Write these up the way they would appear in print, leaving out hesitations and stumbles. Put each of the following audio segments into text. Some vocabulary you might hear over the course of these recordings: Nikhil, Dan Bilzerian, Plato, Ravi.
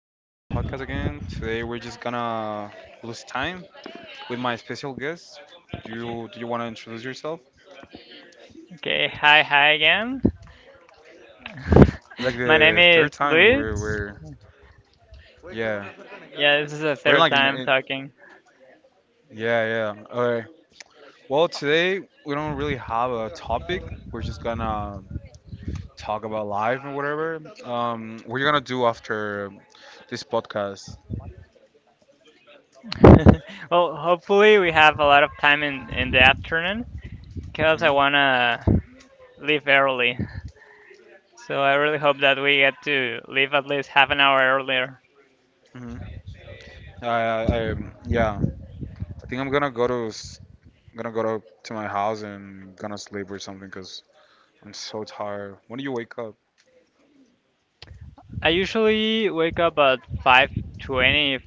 podcast again. Today we're just gonna lose time with my special guest. You do you want to introduce yourself? Okay, hi again. It's like My name the is third time we're Luis. we're yeah Yeah, this is the we're third like in, time in talking. yeah, yeah. All right. Well, today we don't really have a topic. We're just gonna talk about life and whatever. We're gonna do after this podcast. Well, hopefully we have a lot of time in the afternoon because I Mm-hmm. wanna leave early. So I really hope that we get to leave at least half an hour earlier. Mm-hmm. I yeah. I think I'm gonna go to I'm gonna go to my house and gonna sleep or something because I'm so tired. When do you wake up? I usually wake up at 5:20,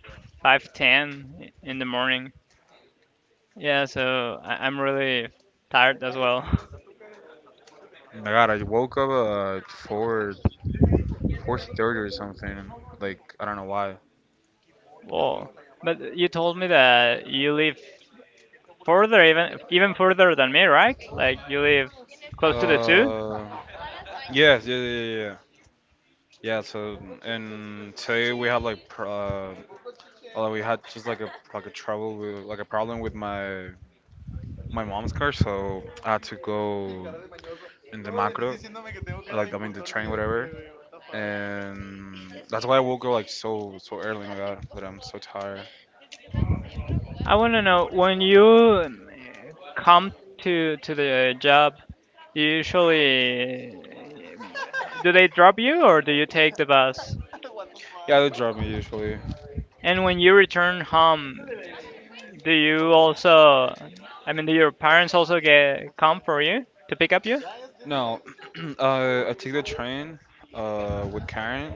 5:10 in the morning. Yeah, so I'm really tired as well. Oh my God, I woke up at four thirty or something. Like I don't know why. Well, but you told me that you live further, even further than me, right? Like you live close to the zoo. Uh, yes, yeah, so and today we had like pr- although we had just like a trouble with like a problem with my mom's car, so I had to go in the macro, like I mean the train, whatever. And that's why I woke up like so early. My God, but I'm so tired. I want to know when you come to the job. Do you usually do they drop you or do you take the bus? Yeah, they drive me usually. And when you return home, do you also? I mean, do your parents also get come for you to pick up you? No, I take the train with Karen.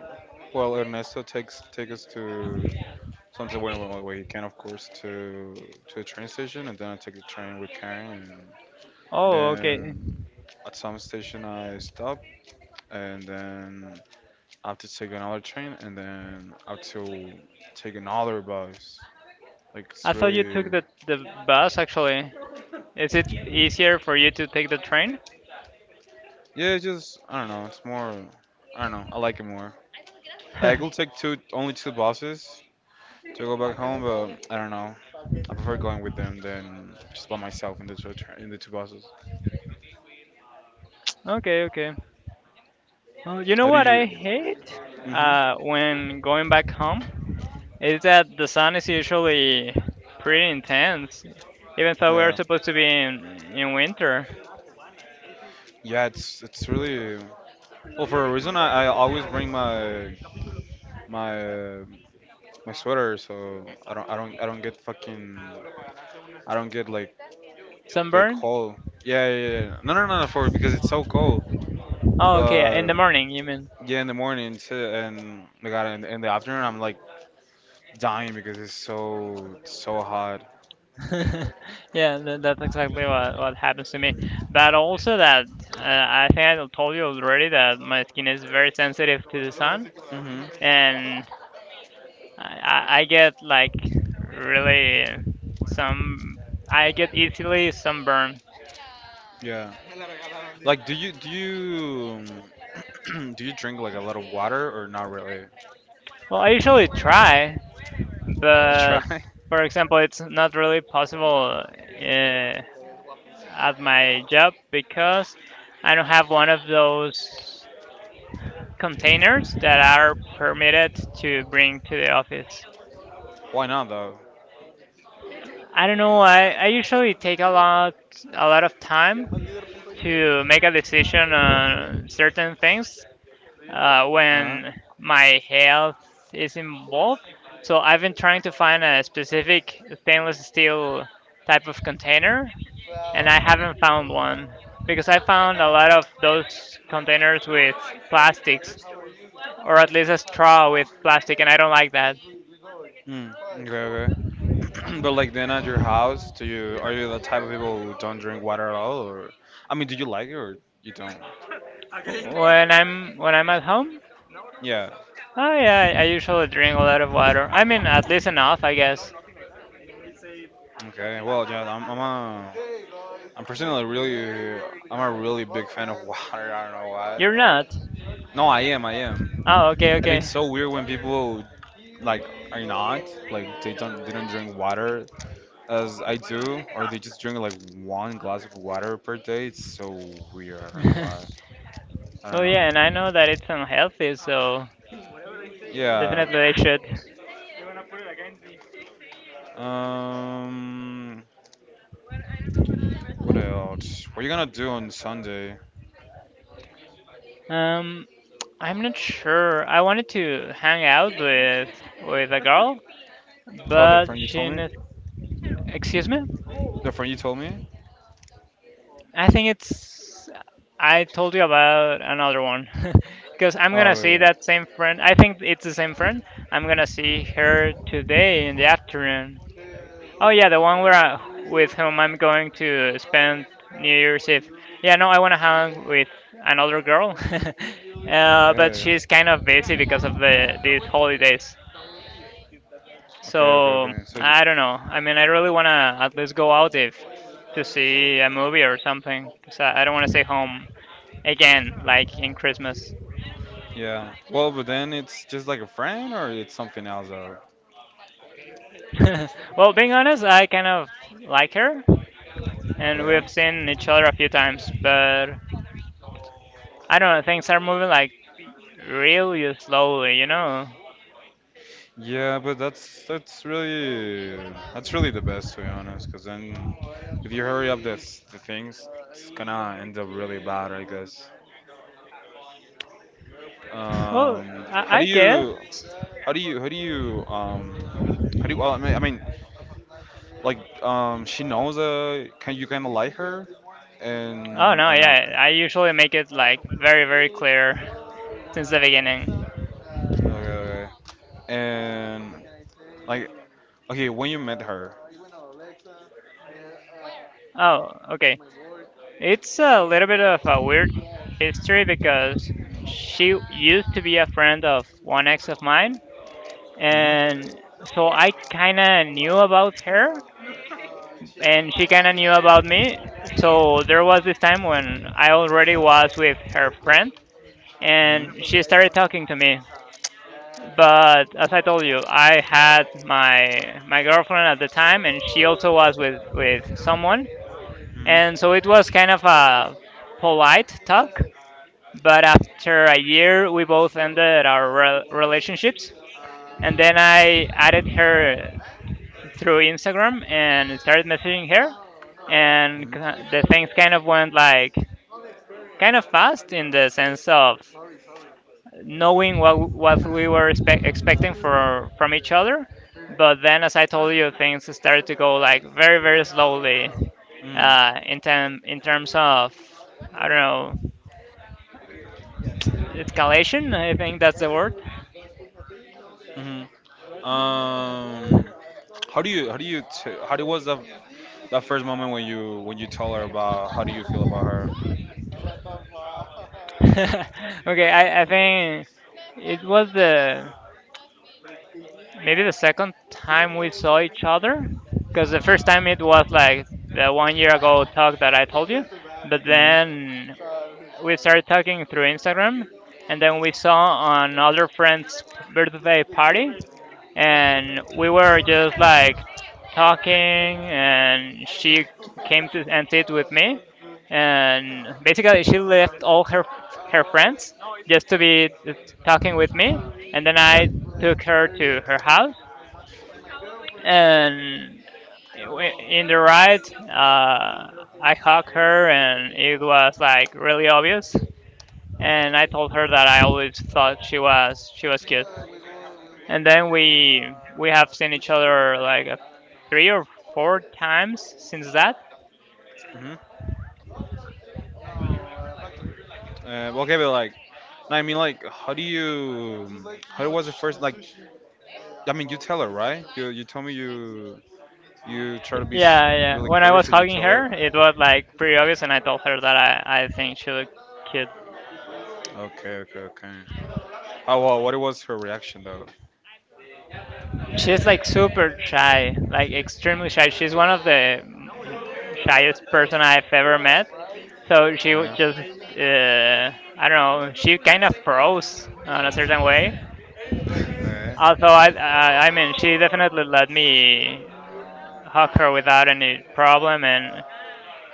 Well, Ernesto takes take us to something where, he can, of course, to the train station, and then I take the train with Karen, and Oh, okay. then at some station I stop, and then I have to take another train, and then I have to take another bus. Like I it's thought you really, took the bus actually. Is it easier for you to take the train? yeah, it's just I don't know. It's more, I don't know. I like it more. Like I could take two, only two buses to go back home, but I don't know. I prefer going with them than just by myself in the in the two buses. Okay, okay. Well, you know How do what I you? hate Hmm. When going back home is that the sun is usually pretty intense, even though we're Yeah, supposed to be in winter. yeah. It's really. Well, for a reason, I always bring my uh, my sweater, so I don't get fucking, I don't get like Sunburn? cold. Yeah, yeah, yeah. No, for because it's so cold. Oh, okay, But in the morning, you mean? yeah, in the mornings and my God, in the afternoon, I'm like dying because it's so, so hot. Yeah, that's exactly what happens to me. But also that I think I told you already that my skin is very sensitive to the sun, Hmm. and I get like really some. I get easily sunburn. Yeah. Like, do you do you drink like a lot of water or not really? Well, I usually try, You but try? for example, it's not really possible at my job because I don't have one of those containers that are permitted to bring to the office. Why not though? I don't know. I usually take a lot of time to make a decision on certain things Uh-huh. when my health is involved. So I've been trying to find a specific stainless steel type of container, and I haven't found one because I found a lot of those containers with plastics, or at least a straw with plastic, and I don't like that. Mm, okay, okay. But like then at your house, do you are you the type of people who don't drink water at all, or I mean, do you like it or you don't? When I'm at home, Yeah. oh yeah, I usually drink a lot of water. I mean, at least enough, I guess. Okay. Well, yeah, I'm personally really I'm a really big fan of water. I don't know why. You're not. No, I am. I am. Oh, okay, And okay. it's so weird when people like are not like they don't drink water as I do, or they just drink like one glass of water per day. It's so weird. I don't know why. I Oh don't know. yeah, and I know that it's unhealthy, so Yeah. definitely they should. Um, what else? What are you gonna do on Sunday? Um, I'm not sure. I wanted to hang out with a girl, Oh, the but friend you told me? Excuse me. The friend you told me? I think it's. I told you about another one, because I'm gonna Oh, see yeah. that same friend. I think it's the same friend. I'm gonna see her today in the afternoon. Oh yeah, the one where I, with whom I'm going to spend New Year's Eve. Yeah, no, I want to hang with another girl, Yeah. but she's Okay. kind of busy because of these holidays. Okay, okay, So okay. So, you, I don't know. I mean, I really want to at least go out if to see a movie or something, because I don't want to stay home again, like in Christmas. yeah. Well, but then it's just like a friend or it's something else, Well, being honest, I kind of like her, and okay? we've seen each other a few times, but I don't know. Things are moving like really slowly, you know. Yeah, but that's really the best to be honest, because then if you hurry up this the things, it's gonna end up really bad, I guess. Well, How do I you guess. how do you how do you how do you, well, I mean like she knows can you kind of like her Oh and no, or no? yeah, I usually make it like very, very clear since the beginning. Okay, okay, okay. And like okay, when you met her. Oh, okay. It's a little bit of a weird history because she used to be a friend of one ex of mine, Mhm. and so I kinda knew about her, and she kinda knew about me. So there was this time when I already was with her friend, and she started Mhm. talking to me, but as I told you, I had my girlfriend at the time, and she also was with someone, Mhm. and so it was kind of a polite talk. But after a year, we both ended our relationships, and then I added her through Instagram and started messaging her, and Mhm. The things kind of went like kind of fast in the sense of knowing what we were expecting for from each other. But then, as I told you, things started to go like very slowly Mm. In term in terms of I don't know escalation. I think that's the word. Mhm. How do you t- how do was that that first moment when you told her about how do you feel about her? Okay, I think it was the maybe the second time we saw each other because the first time it was like the one year ago talk that I told you, but Mhm. then we started talking through Instagram, and then we saw another friend's birthday party, and we were just like talking, and she came to and sit with me, and basically she left all her friends just to be talking with me, and then Yeah. I took her to her house, and in the ride, I hugged her, and it was like really obvious. And I told her that I always thought she was cute. And then we have seen each other like three or four times since that. Mhm. Well, okay, but like, no, I mean, like, how do you? How was the first? Like, I mean, you tell her, right? You told me you you try to be Yeah, yeah. really When I clear, was so you hugging tell her. her, it was like pretty obvious, and I told her that I think she looked cute. Okay, okay, okay. How well, what was her reaction though? She's like super shy, like extremely shy. She's one of the shyest person I've ever met. So she would Yeah. just I don't know. She kind of froze on a certain way. Yeah. Also, I mean, she definitely let me hug her without any problem, and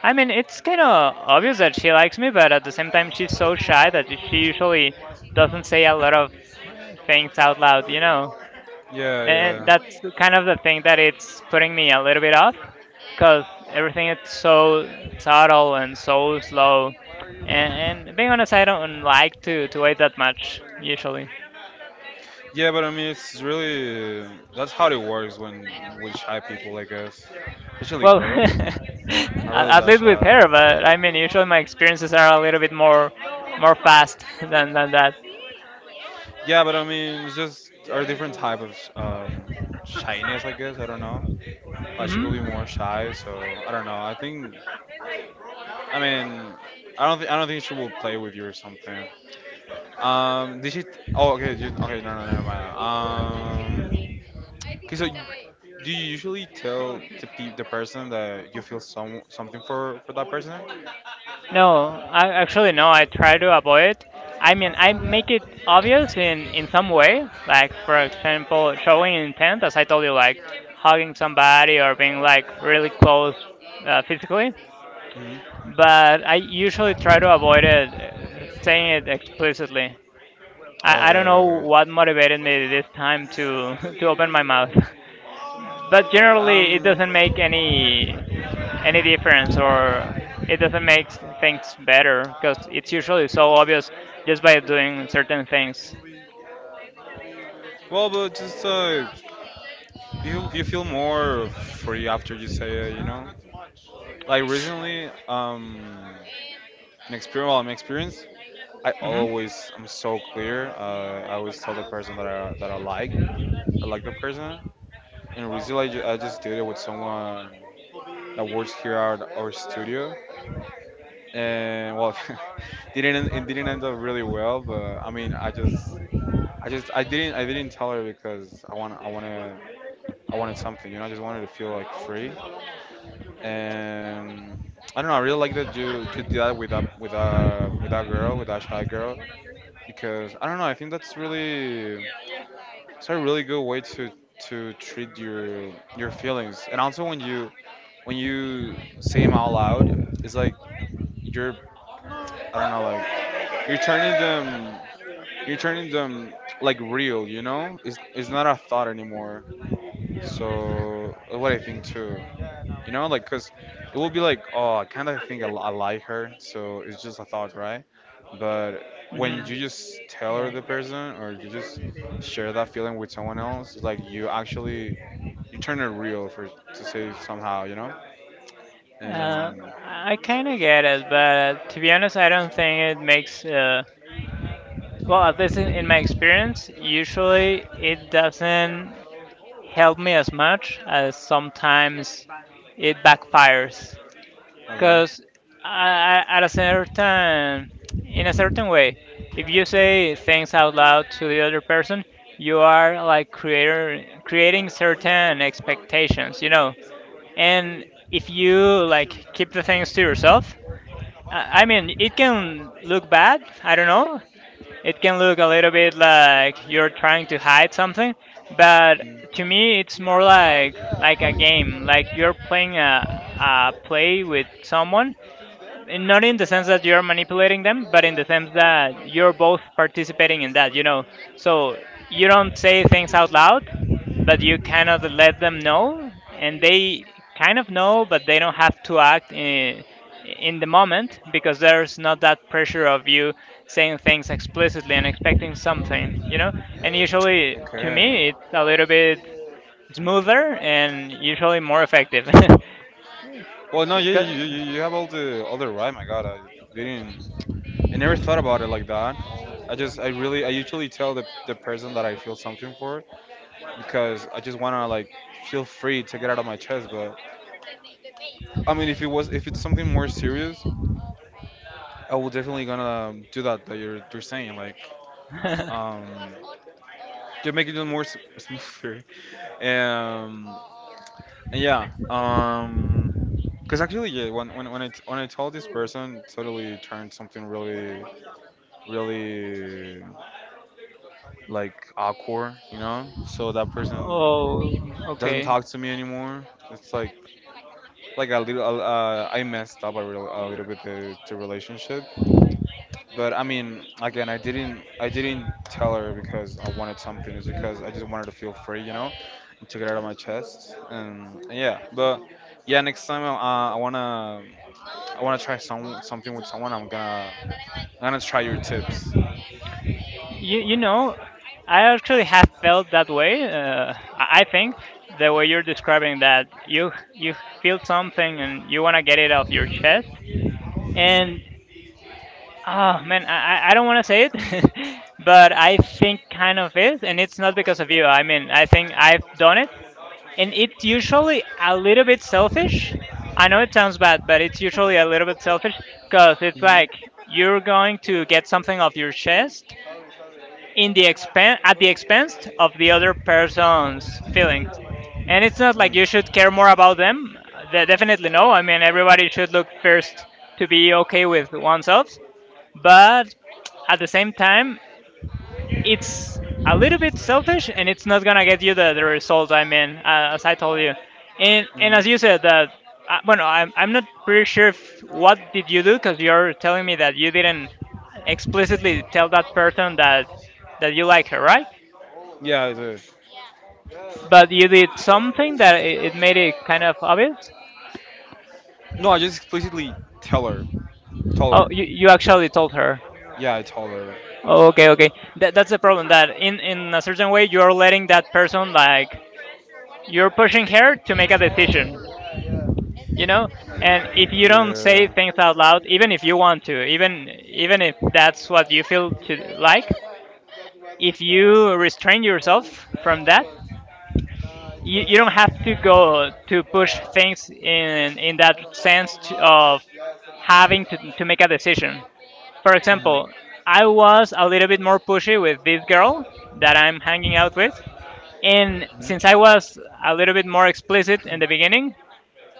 I mean, it's kind of obvious that she likes me, but at the same time, she's so shy that she usually doesn't say a lot of things out loud, you know. Yeah, And yeah. that's kind of the thing that it's putting me a little bit off, because everything is so subtle and so slow. And being honest, I don't like to wait that much usually. Yeah, but I mean, it's really that's how it works when with shy people, I guess, especially Well, girls. I'm really at that least with her, shy. but I mean, usually my experiences are a little bit more fast than that. Yeah, but I mean, it's just a different type of shyness, I guess. I don't know. Like she Hmm could be more shy, so I don't know. I think, I mean, I don't think she will play with you or something. Did she? Oh, okay. You, okay, no, no, never mind. Okay, so do you usually tell the the person that you feel some something for that person? No, I actually no. I try to avoid. I mean, I make it obvious in some way, like for example, showing intent, as I told you, like hugging somebody or being like really close physically. Hmm. But I usually try to avoid it, saying it explicitly. I Okay, don't know okay, okay. what motivated me this time to to open my mouth. But generally, it Um, doesn't make any difference, or it doesn't make things better because it's usually so obvious just by doing certain things. well, but just you you feel more free after you say it, you know. Like recently. An experience. Well, my experience. I Hmm always I'm so clear. I always tell the person that I like. I like the person. And recently I just did it with someone that works here at our studio. And well, didn't it didn't end up really well. But I mean, I didn't tell her because I wanted something. You know, I just wanted to feel like free. And I don't know. I really like that you did that with a with that girl, with that shy girl. Because I don't know. I think that's really it's a really good way to treat your feelings, and also when you say them out loud, it's like you're I don't know like you're turning them you're turning them like real. You know, it's not a thought anymore. So that's what I think too. You know, like, cause it will be like, oh, I kind of think I like her. So it's just a thought, right? But when hmm you just tell her Yeah. the person, or you just share that feeling with someone else, it's like you actually you turn it real for to say somehow, you know? Uh, And I kind of get it, but to be honest, I don't think it makes. Well, at least in my experience, usually it doesn't help me as much as sometimes it backfires, okay, because at a certain, in a certain way, if you say things out loud to the other person, you are like creator creating certain expectations, you know. And if you like keep the things to yourself, I mean, it can look bad. I don't know. It can look a little bit like you're trying to hide something, but mm, to me, it's more like a game. Like you're playing a play with someone, and not in the sense that you're manipulating them, but in the sense that you're both participating in that, you know. So you don't say things out loud, but you kind of let them know, and they kind of know, but they don't have to act in the moment because there's not that pressure of you saying things explicitly and expecting something, you know. And usually, to okay. me, it's a little bit smoother and usually more effective. Well, no, 'Cause- you you have all the right. My God, I didn't. I never thought about it like that. I really I usually tell the person that I feel something for because I just wanna like feel free to get out of my chest. But I mean, if it's something more serious, I will definitely gonna do that that you're saying like um to make it more smoother. Um, yeah, because actually, yeah, when I told this person, totally turned something really, really like awkward, you know. So that person Oh, doesn't okay. talk to me anymore. It's like a little I messed up a, real, a little bit the relationship. But I mean again I didn't tell her because I wanted something, it's because I just wanted to feel free, you know, and to get out of my chest, and yeah. But yeah, next time I want to try some something with someone. I'm gonna try your tips. You know, I actually have felt that way. I think the way you're describing that, you feel something and you want to get it off your chest. Mhm. And oh man, I don't want to say it, but I think kind of is, and it's not because of you. I mean, I think I've done it, and it's usually a little bit selfish. I know it sounds bad, but it's usually a little bit selfish because it's Mhm. like you're going to get something off your chest in the expen at the expense of the other person's feelings. And it's not like Mhm. you should care more about them. Definitely no. I mean, everybody should look first to be okay with oneself. But at the Hmm. same time, it's a little bit selfish, and it's not gonna get you the result. I mean, as I told you, and as you said that. Well, no, I'm not pretty sure if, what did you do because you're telling me that you didn't explicitly tell that person that you like her, right? Yeah, it's But you did something that it made it kind of obvious. no, I just explicitly tell her, tell Oh, her. You actually told her. Yeah, I told her. Oh, okay, okay. That's the problem. That in a certain way you're letting that person like you're pushing her to make a decision. You know, and if you don't say Yeah. things out loud, even if you want to, even if that's what you feel to like, if you restrain yourself from that, you don't have to go to push things in that sense to, of having to make a decision. For Mhm. example, I was a little bit more pushy with this girl that I'm hanging out with. And Mhm. since I was a little bit more explicit in the beginning,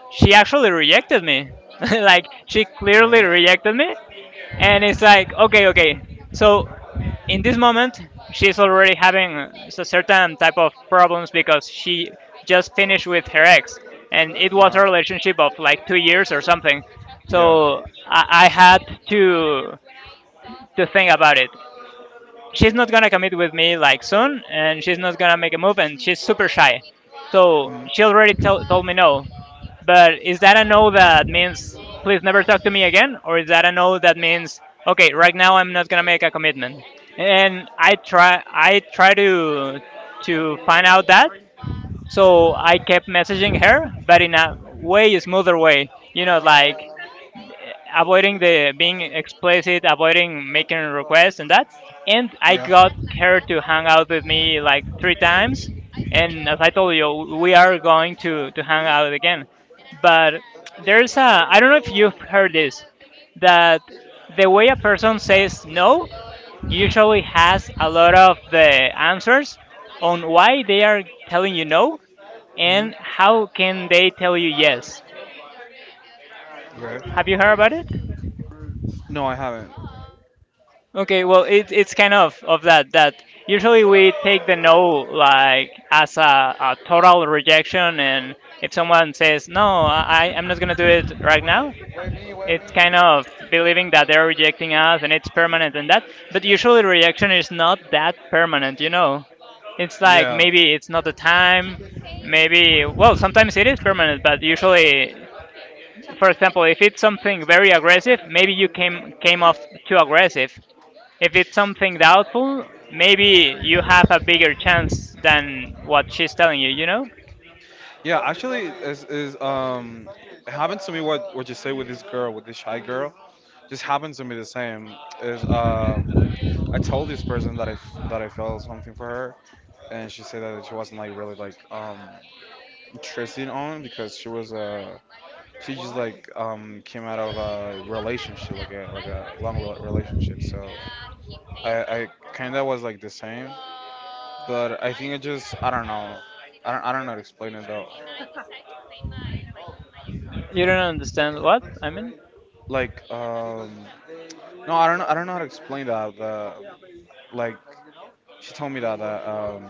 she actually rejected me. Like, she clearly rejected me. And it's like, okay, okay. So, in this moment, she's already having a certain type of problems because she just finished with her ex. And it was a relationship of like 2 years or something. So, I had to think about it. She's not gonna commit with me like soon, and she's not gonna make a move, and she's super shy. So she already told me no. But is that a no that means please never talk to me again, or is that a no that means okay, right now I'm not gonna make a commitment? And I try to find out that. So I kept messaging her, but in a way smoother way. You know, like avoiding the being explicit, avoiding making requests and that. And I Yeah. got her to hang out with me like three times. And as I told you, we are going to hang out again. But there's a, I don't know if you've heard this, that the way a person says no usually has a lot of the answers on why they are telling you no Hmm. and how can they tell you yes. Okay. Have you heard about it? No, I haven't. Okay, well, it's kind of that usually we take the no like as a total rejection, and if someone says no, I'm not gonna do it right now, it's kind of believing that they're rejecting us and it's permanent and that. But usually rejection is not that permanent, you know. It's like Yeah. maybe it's not the time, maybe well sometimes it is permanent, but usually for example, if it's something very aggressive, maybe you came off too aggressive, if it's something doubtful, maybe you have a bigger chance than what she's telling you, you know? Yeah, actually is it happened to me what you say with this girl, with this shy girl. Just happened to me the same. Is I told this person that that I felt something for her, and she said that she wasn't like really like interested on because she was she just like came out of a relationship like a long relationship. So I kind of was like the same, but I think I don't know. I don't know how to explain it though. You don't understand what I mean? Like no I don't know, I don't know how to explain that. The like she told me that uh, um,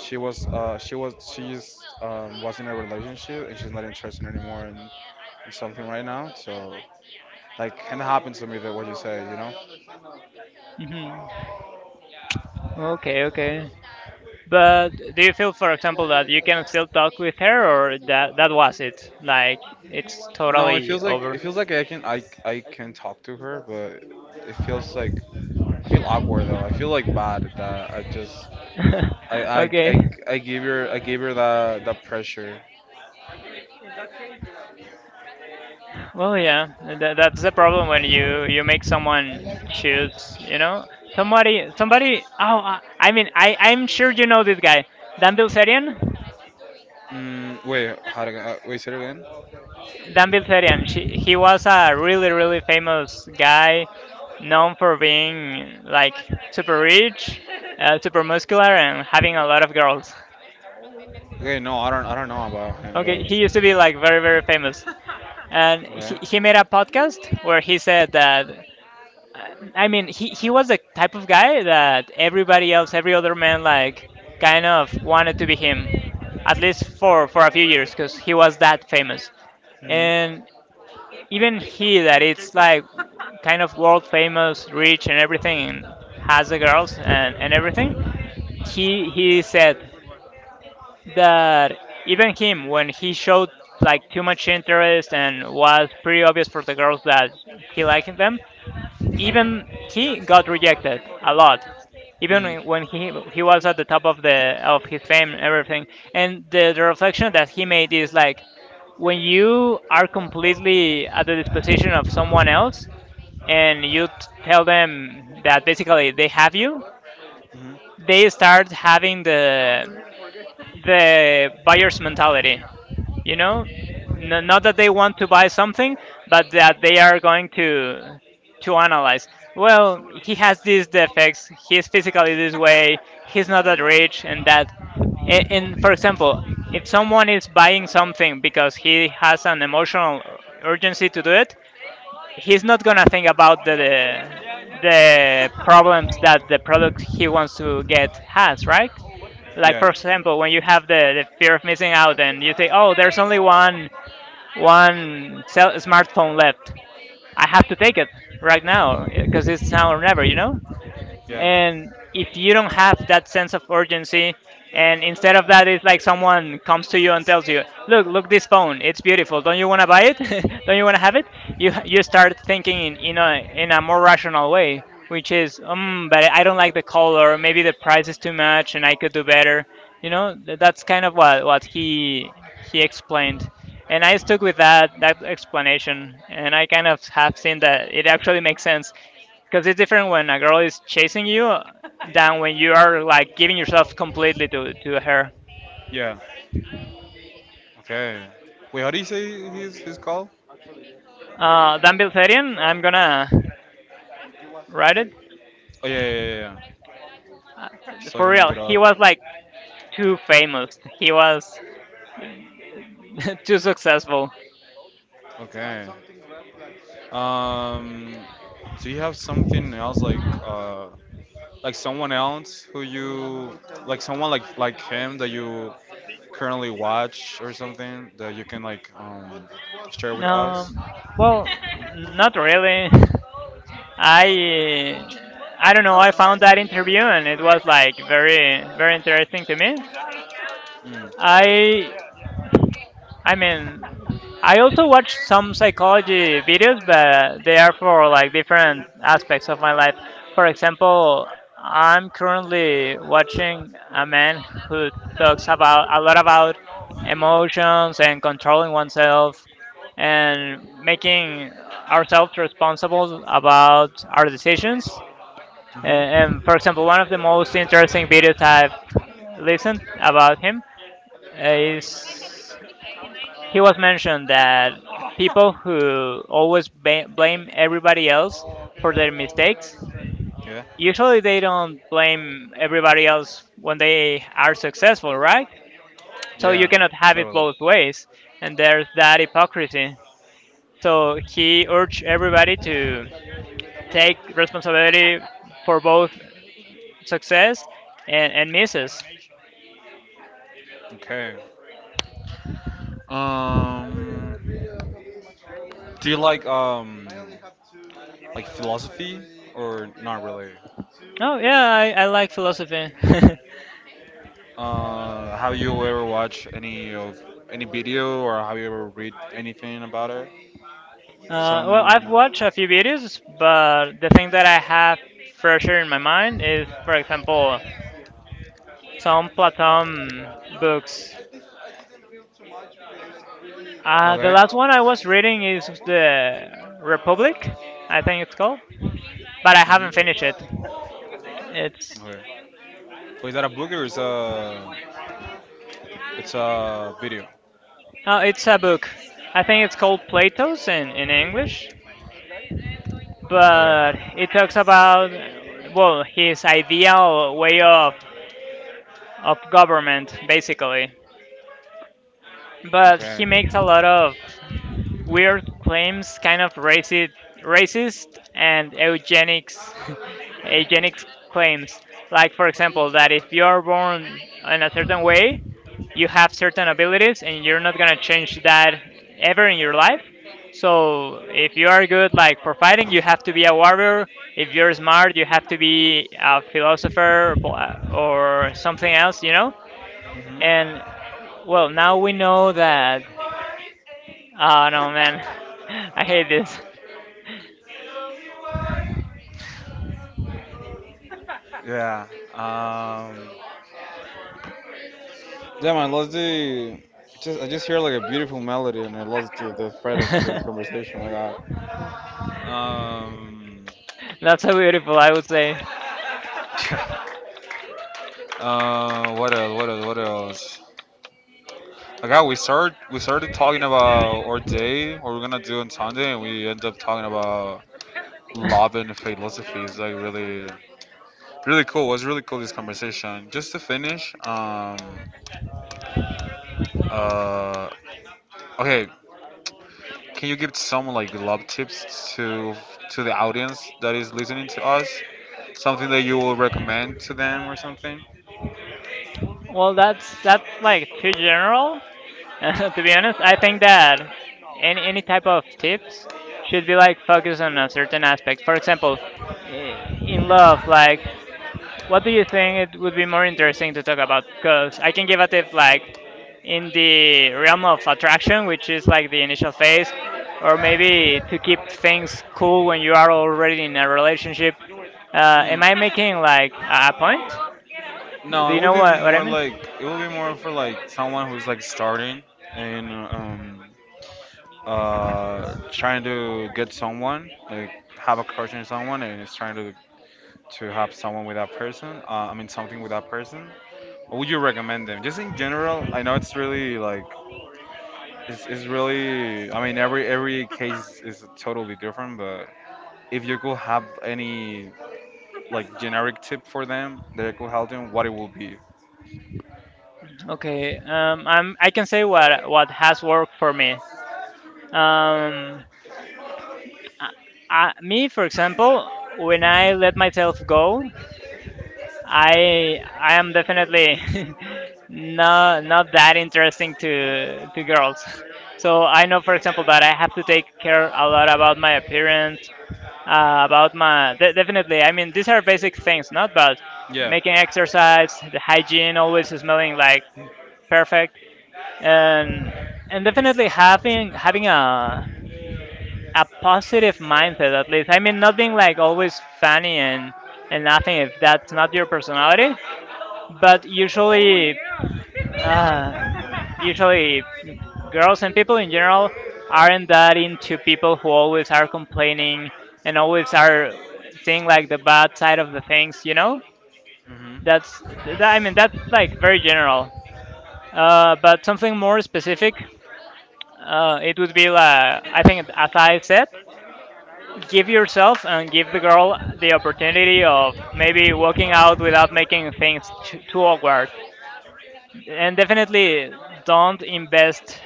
she was uh, she was she's was in a relationship and she's not interested anymore in something right now. So like kind of happened to me that what you say, you know. Hmm. Okay, okay. But do you feel, for example, that you can still talk with her, or that that was it? Like it's No, totally it over. feels like I can talk to her, but it feels like I feel awkward though. I feel like bad that I just I, I, Okay. I, I gave her that that pressure. Well, yeah, that's the problem when you make someone choose. You know, somebody. Oh, I mean, I'm sure you know this guy, Dan Bilzerian. Mm, wait, how to, wait, say it again. Dan Bilzerian. He was a really, really famous guy, known for being like super rich, super muscular, and having a lot of girls. Okay, no, I don't know about Okay, him, he used to be like very, very famous, and but okay. he made a podcast where he said that. I mean, he was the type of guy that everybody else, every other man, like kind of wanted to be him, at least for a few years, because he was that famous. Mhm. And even he that it's like kind of world famous, rich and everything, and has the girls and everything, he said that even him when he showed like too much interest and was pretty obvious for the girls that he liked them, even he got rejected a lot Mhm. Mhm. even when he was at the top of his fame and everything. And the reflection that he made is like when you are completely at the disposition of someone else and you tell them that basically they have you, they start having the buyer's mentality, you know. Not that they want to buy something but that they are going to analyze, well, he has these defects, he's physically this way, he's not that rich and that. And for example, if someone is buying something because he has an emotional urgency to do it, he's not going to think about the problems that the product he wants to get has, right? Like Yeah. for example when you have the fear of missing out and you say, oh, there's only one cell smartphone left. I have to take it right now because it's now or never, you know? Yeah. And if you don't have that sense of urgency, and instead of that it's like someone comes to you and tells you, look, this phone, it's beautiful, don't you want to buy it, don't you want to have it, you start thinking in a more rational way, which is, but I don't like the color, maybe the price is too much and I could do better, you know. That's kind of what he explained, and I stuck with that explanation and I kind of have seen that it actually makes sense, because it's different when a girl is chasing you than when you are like giving yourself completely to her. Yeah. Okay. Wait, how do you say his call? Dan Bilzerian, I'm gonna write it. Oh yeah, yeah, yeah, yeah. Uh, So I For can look real, it up. he was like too famous. He was too successful. Okay. Um, do you have something else like someone else who you like someone like him that you currently watch or something that you can share with us? Um, well, not really. I I don't know. I found that interview and it was like very very interesting to me. Mm. I I mean, I also watch some psychology videos, but they are for like different aspects of my life. For example, I'm currently watching a man who talks about a lot about emotions and controlling oneself and making ourselves responsible about our decisions. Mhm. And for example, one of the most interesting videos I've listened about him is, he was mentioned that people who always blame everybody else for their mistakes Yeah. usually they don't blame everybody else when they are successful, right? So you Yeah, cannot have it totally. both ways, and there's that hypocrisy, so he urged everybody to take responsibility for both success and misses. Okay. Um, do you like philosophy or not really? Oh yeah, I like philosophy. Have you ever watched any video or have you ever read anything about it? Well, I've Some. watched a few videos, but the thing that I have fresher in my mind is, for example, some Platon books. The Okay. last one I was reading is the Republic, I think it's called, but I Mhm. haven't finished it. It's Okay. Well, is that a book or is a it's a video? oh, it's a book. I think it's called Plato's in English, Okay. but it talks about, well, his ideal way of government basically. But Okay. he makes a lot of weird claims, kind of racist and eugenics, eugenics claims. Like for example, that if you are born in a certain way, you have certain abilities, and you're not gonna change that ever in your life. So if you are good, like for fighting, you have to be a warrior. If you're smart, you have to be a philosopher or something else, you know. Mhm. And well, now we know that. Oh no, man, I hate this. Yeah. Um. Yeah, man, lost the. I just hear like a beautiful melody and I lost the thread of our conversation. Um. That's so beautiful, I would say. What else? What else? What else? Like, how we start we started talking about our day, what we're gonna do on Sunday, and we end up talking about love and philosophy is like really, really cool. It was really cool this conversation. Just to finish, uh, okay, can you give some like love tips to the audience that is listening to us? Something that you will recommend to them or something? Well, that's like too general. To be honest, I think that any type of tips should be like focused on a certain aspect. For example, in love, like, what do you think it would be more interesting to talk about? Because I can give a tip like in the realm of attraction, which is like the initial phase, or maybe to keep things cool when you are already in a relationship. Am Mm, I making like a point? Do no, you know what I mean? It would be more for like someone who's like starting and trying to get someone like have a crush on someone and is trying to have someone with that person? I mean, something with that person? What would you recommend them? Just in general, I know it's really like it's really. I mean, every case is totally different, but if you could have any like generic tip for them that could help them, what it would be? Okay, I can say what has worked for me. Um, me, for example, when Hmm. I let myself go, I am definitely no not that interesting to girls. So I know, for example, that I have to take care a lot about my appearance, about my definitely. I mean, these are basic things, not bad. Yeah. Making exercise, the hygiene, always smelling like perfect, and and definitely having a positive mindset at least. I mean, not being like always funny and nothing if that's not your personality, but uh, usually, girls and people in general aren't that into people who always are complaining and always are seeing like the bad side of the things. You know, Hmm. I mean that's like very general. But something more specific, it would be like, I think, as I said, give yourself and give the girl the opportunity of maybe walking out without making things too, too awkward. And definitely don't invest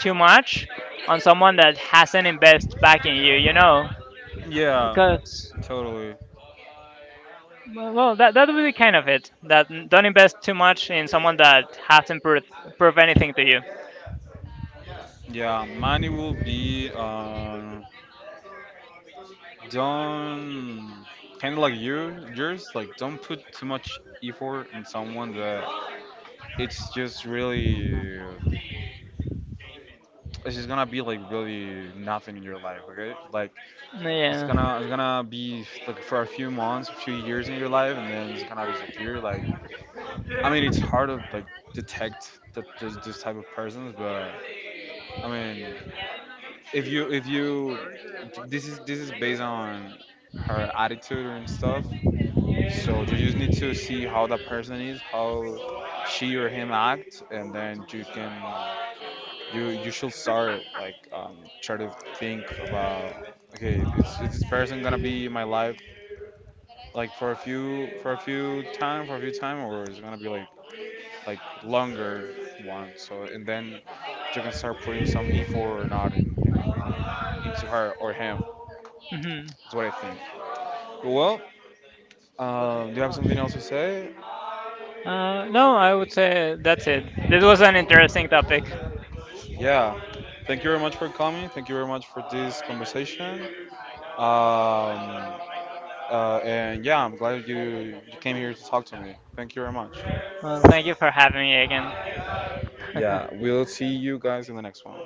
too much on someone that hasn't invested back in you, you know, Yeah. because Totally. well, that would be kind of it, that don't invest too much in someone that hasn't prove anything to you. Yeah, money will be. Don't, kind of like you yours, like don't put too much effort in someone that it's just really, um, it's just gonna be like really nothing in your life. Okay, like Yeah. It's gonna be like for a few months, a few years in your life, and then it's gonna disappear. Like, I mean, it's hard to like detect that this type of persons. But I mean, if you, this is based on her attitude and stuff. So you just need to see how the person is, how she or him act, and then you can, you should start like try to think about, okay, is this person gonna be in my life like for a few for a few time, or is it gonna be like longer one? So, and then you can start putting some effort or not in into her or him. hmm That's what I think. Well, do you have something else to say? No, I would say that's it, this was an interesting topic. Yeah. Thank you very much for coming. Thank you very much for this conversation. Um, and yeah, I'm glad you came here to talk to me. Thank you very much. Well, thank you for having me again. Yeah, we'll see you guys in the next one.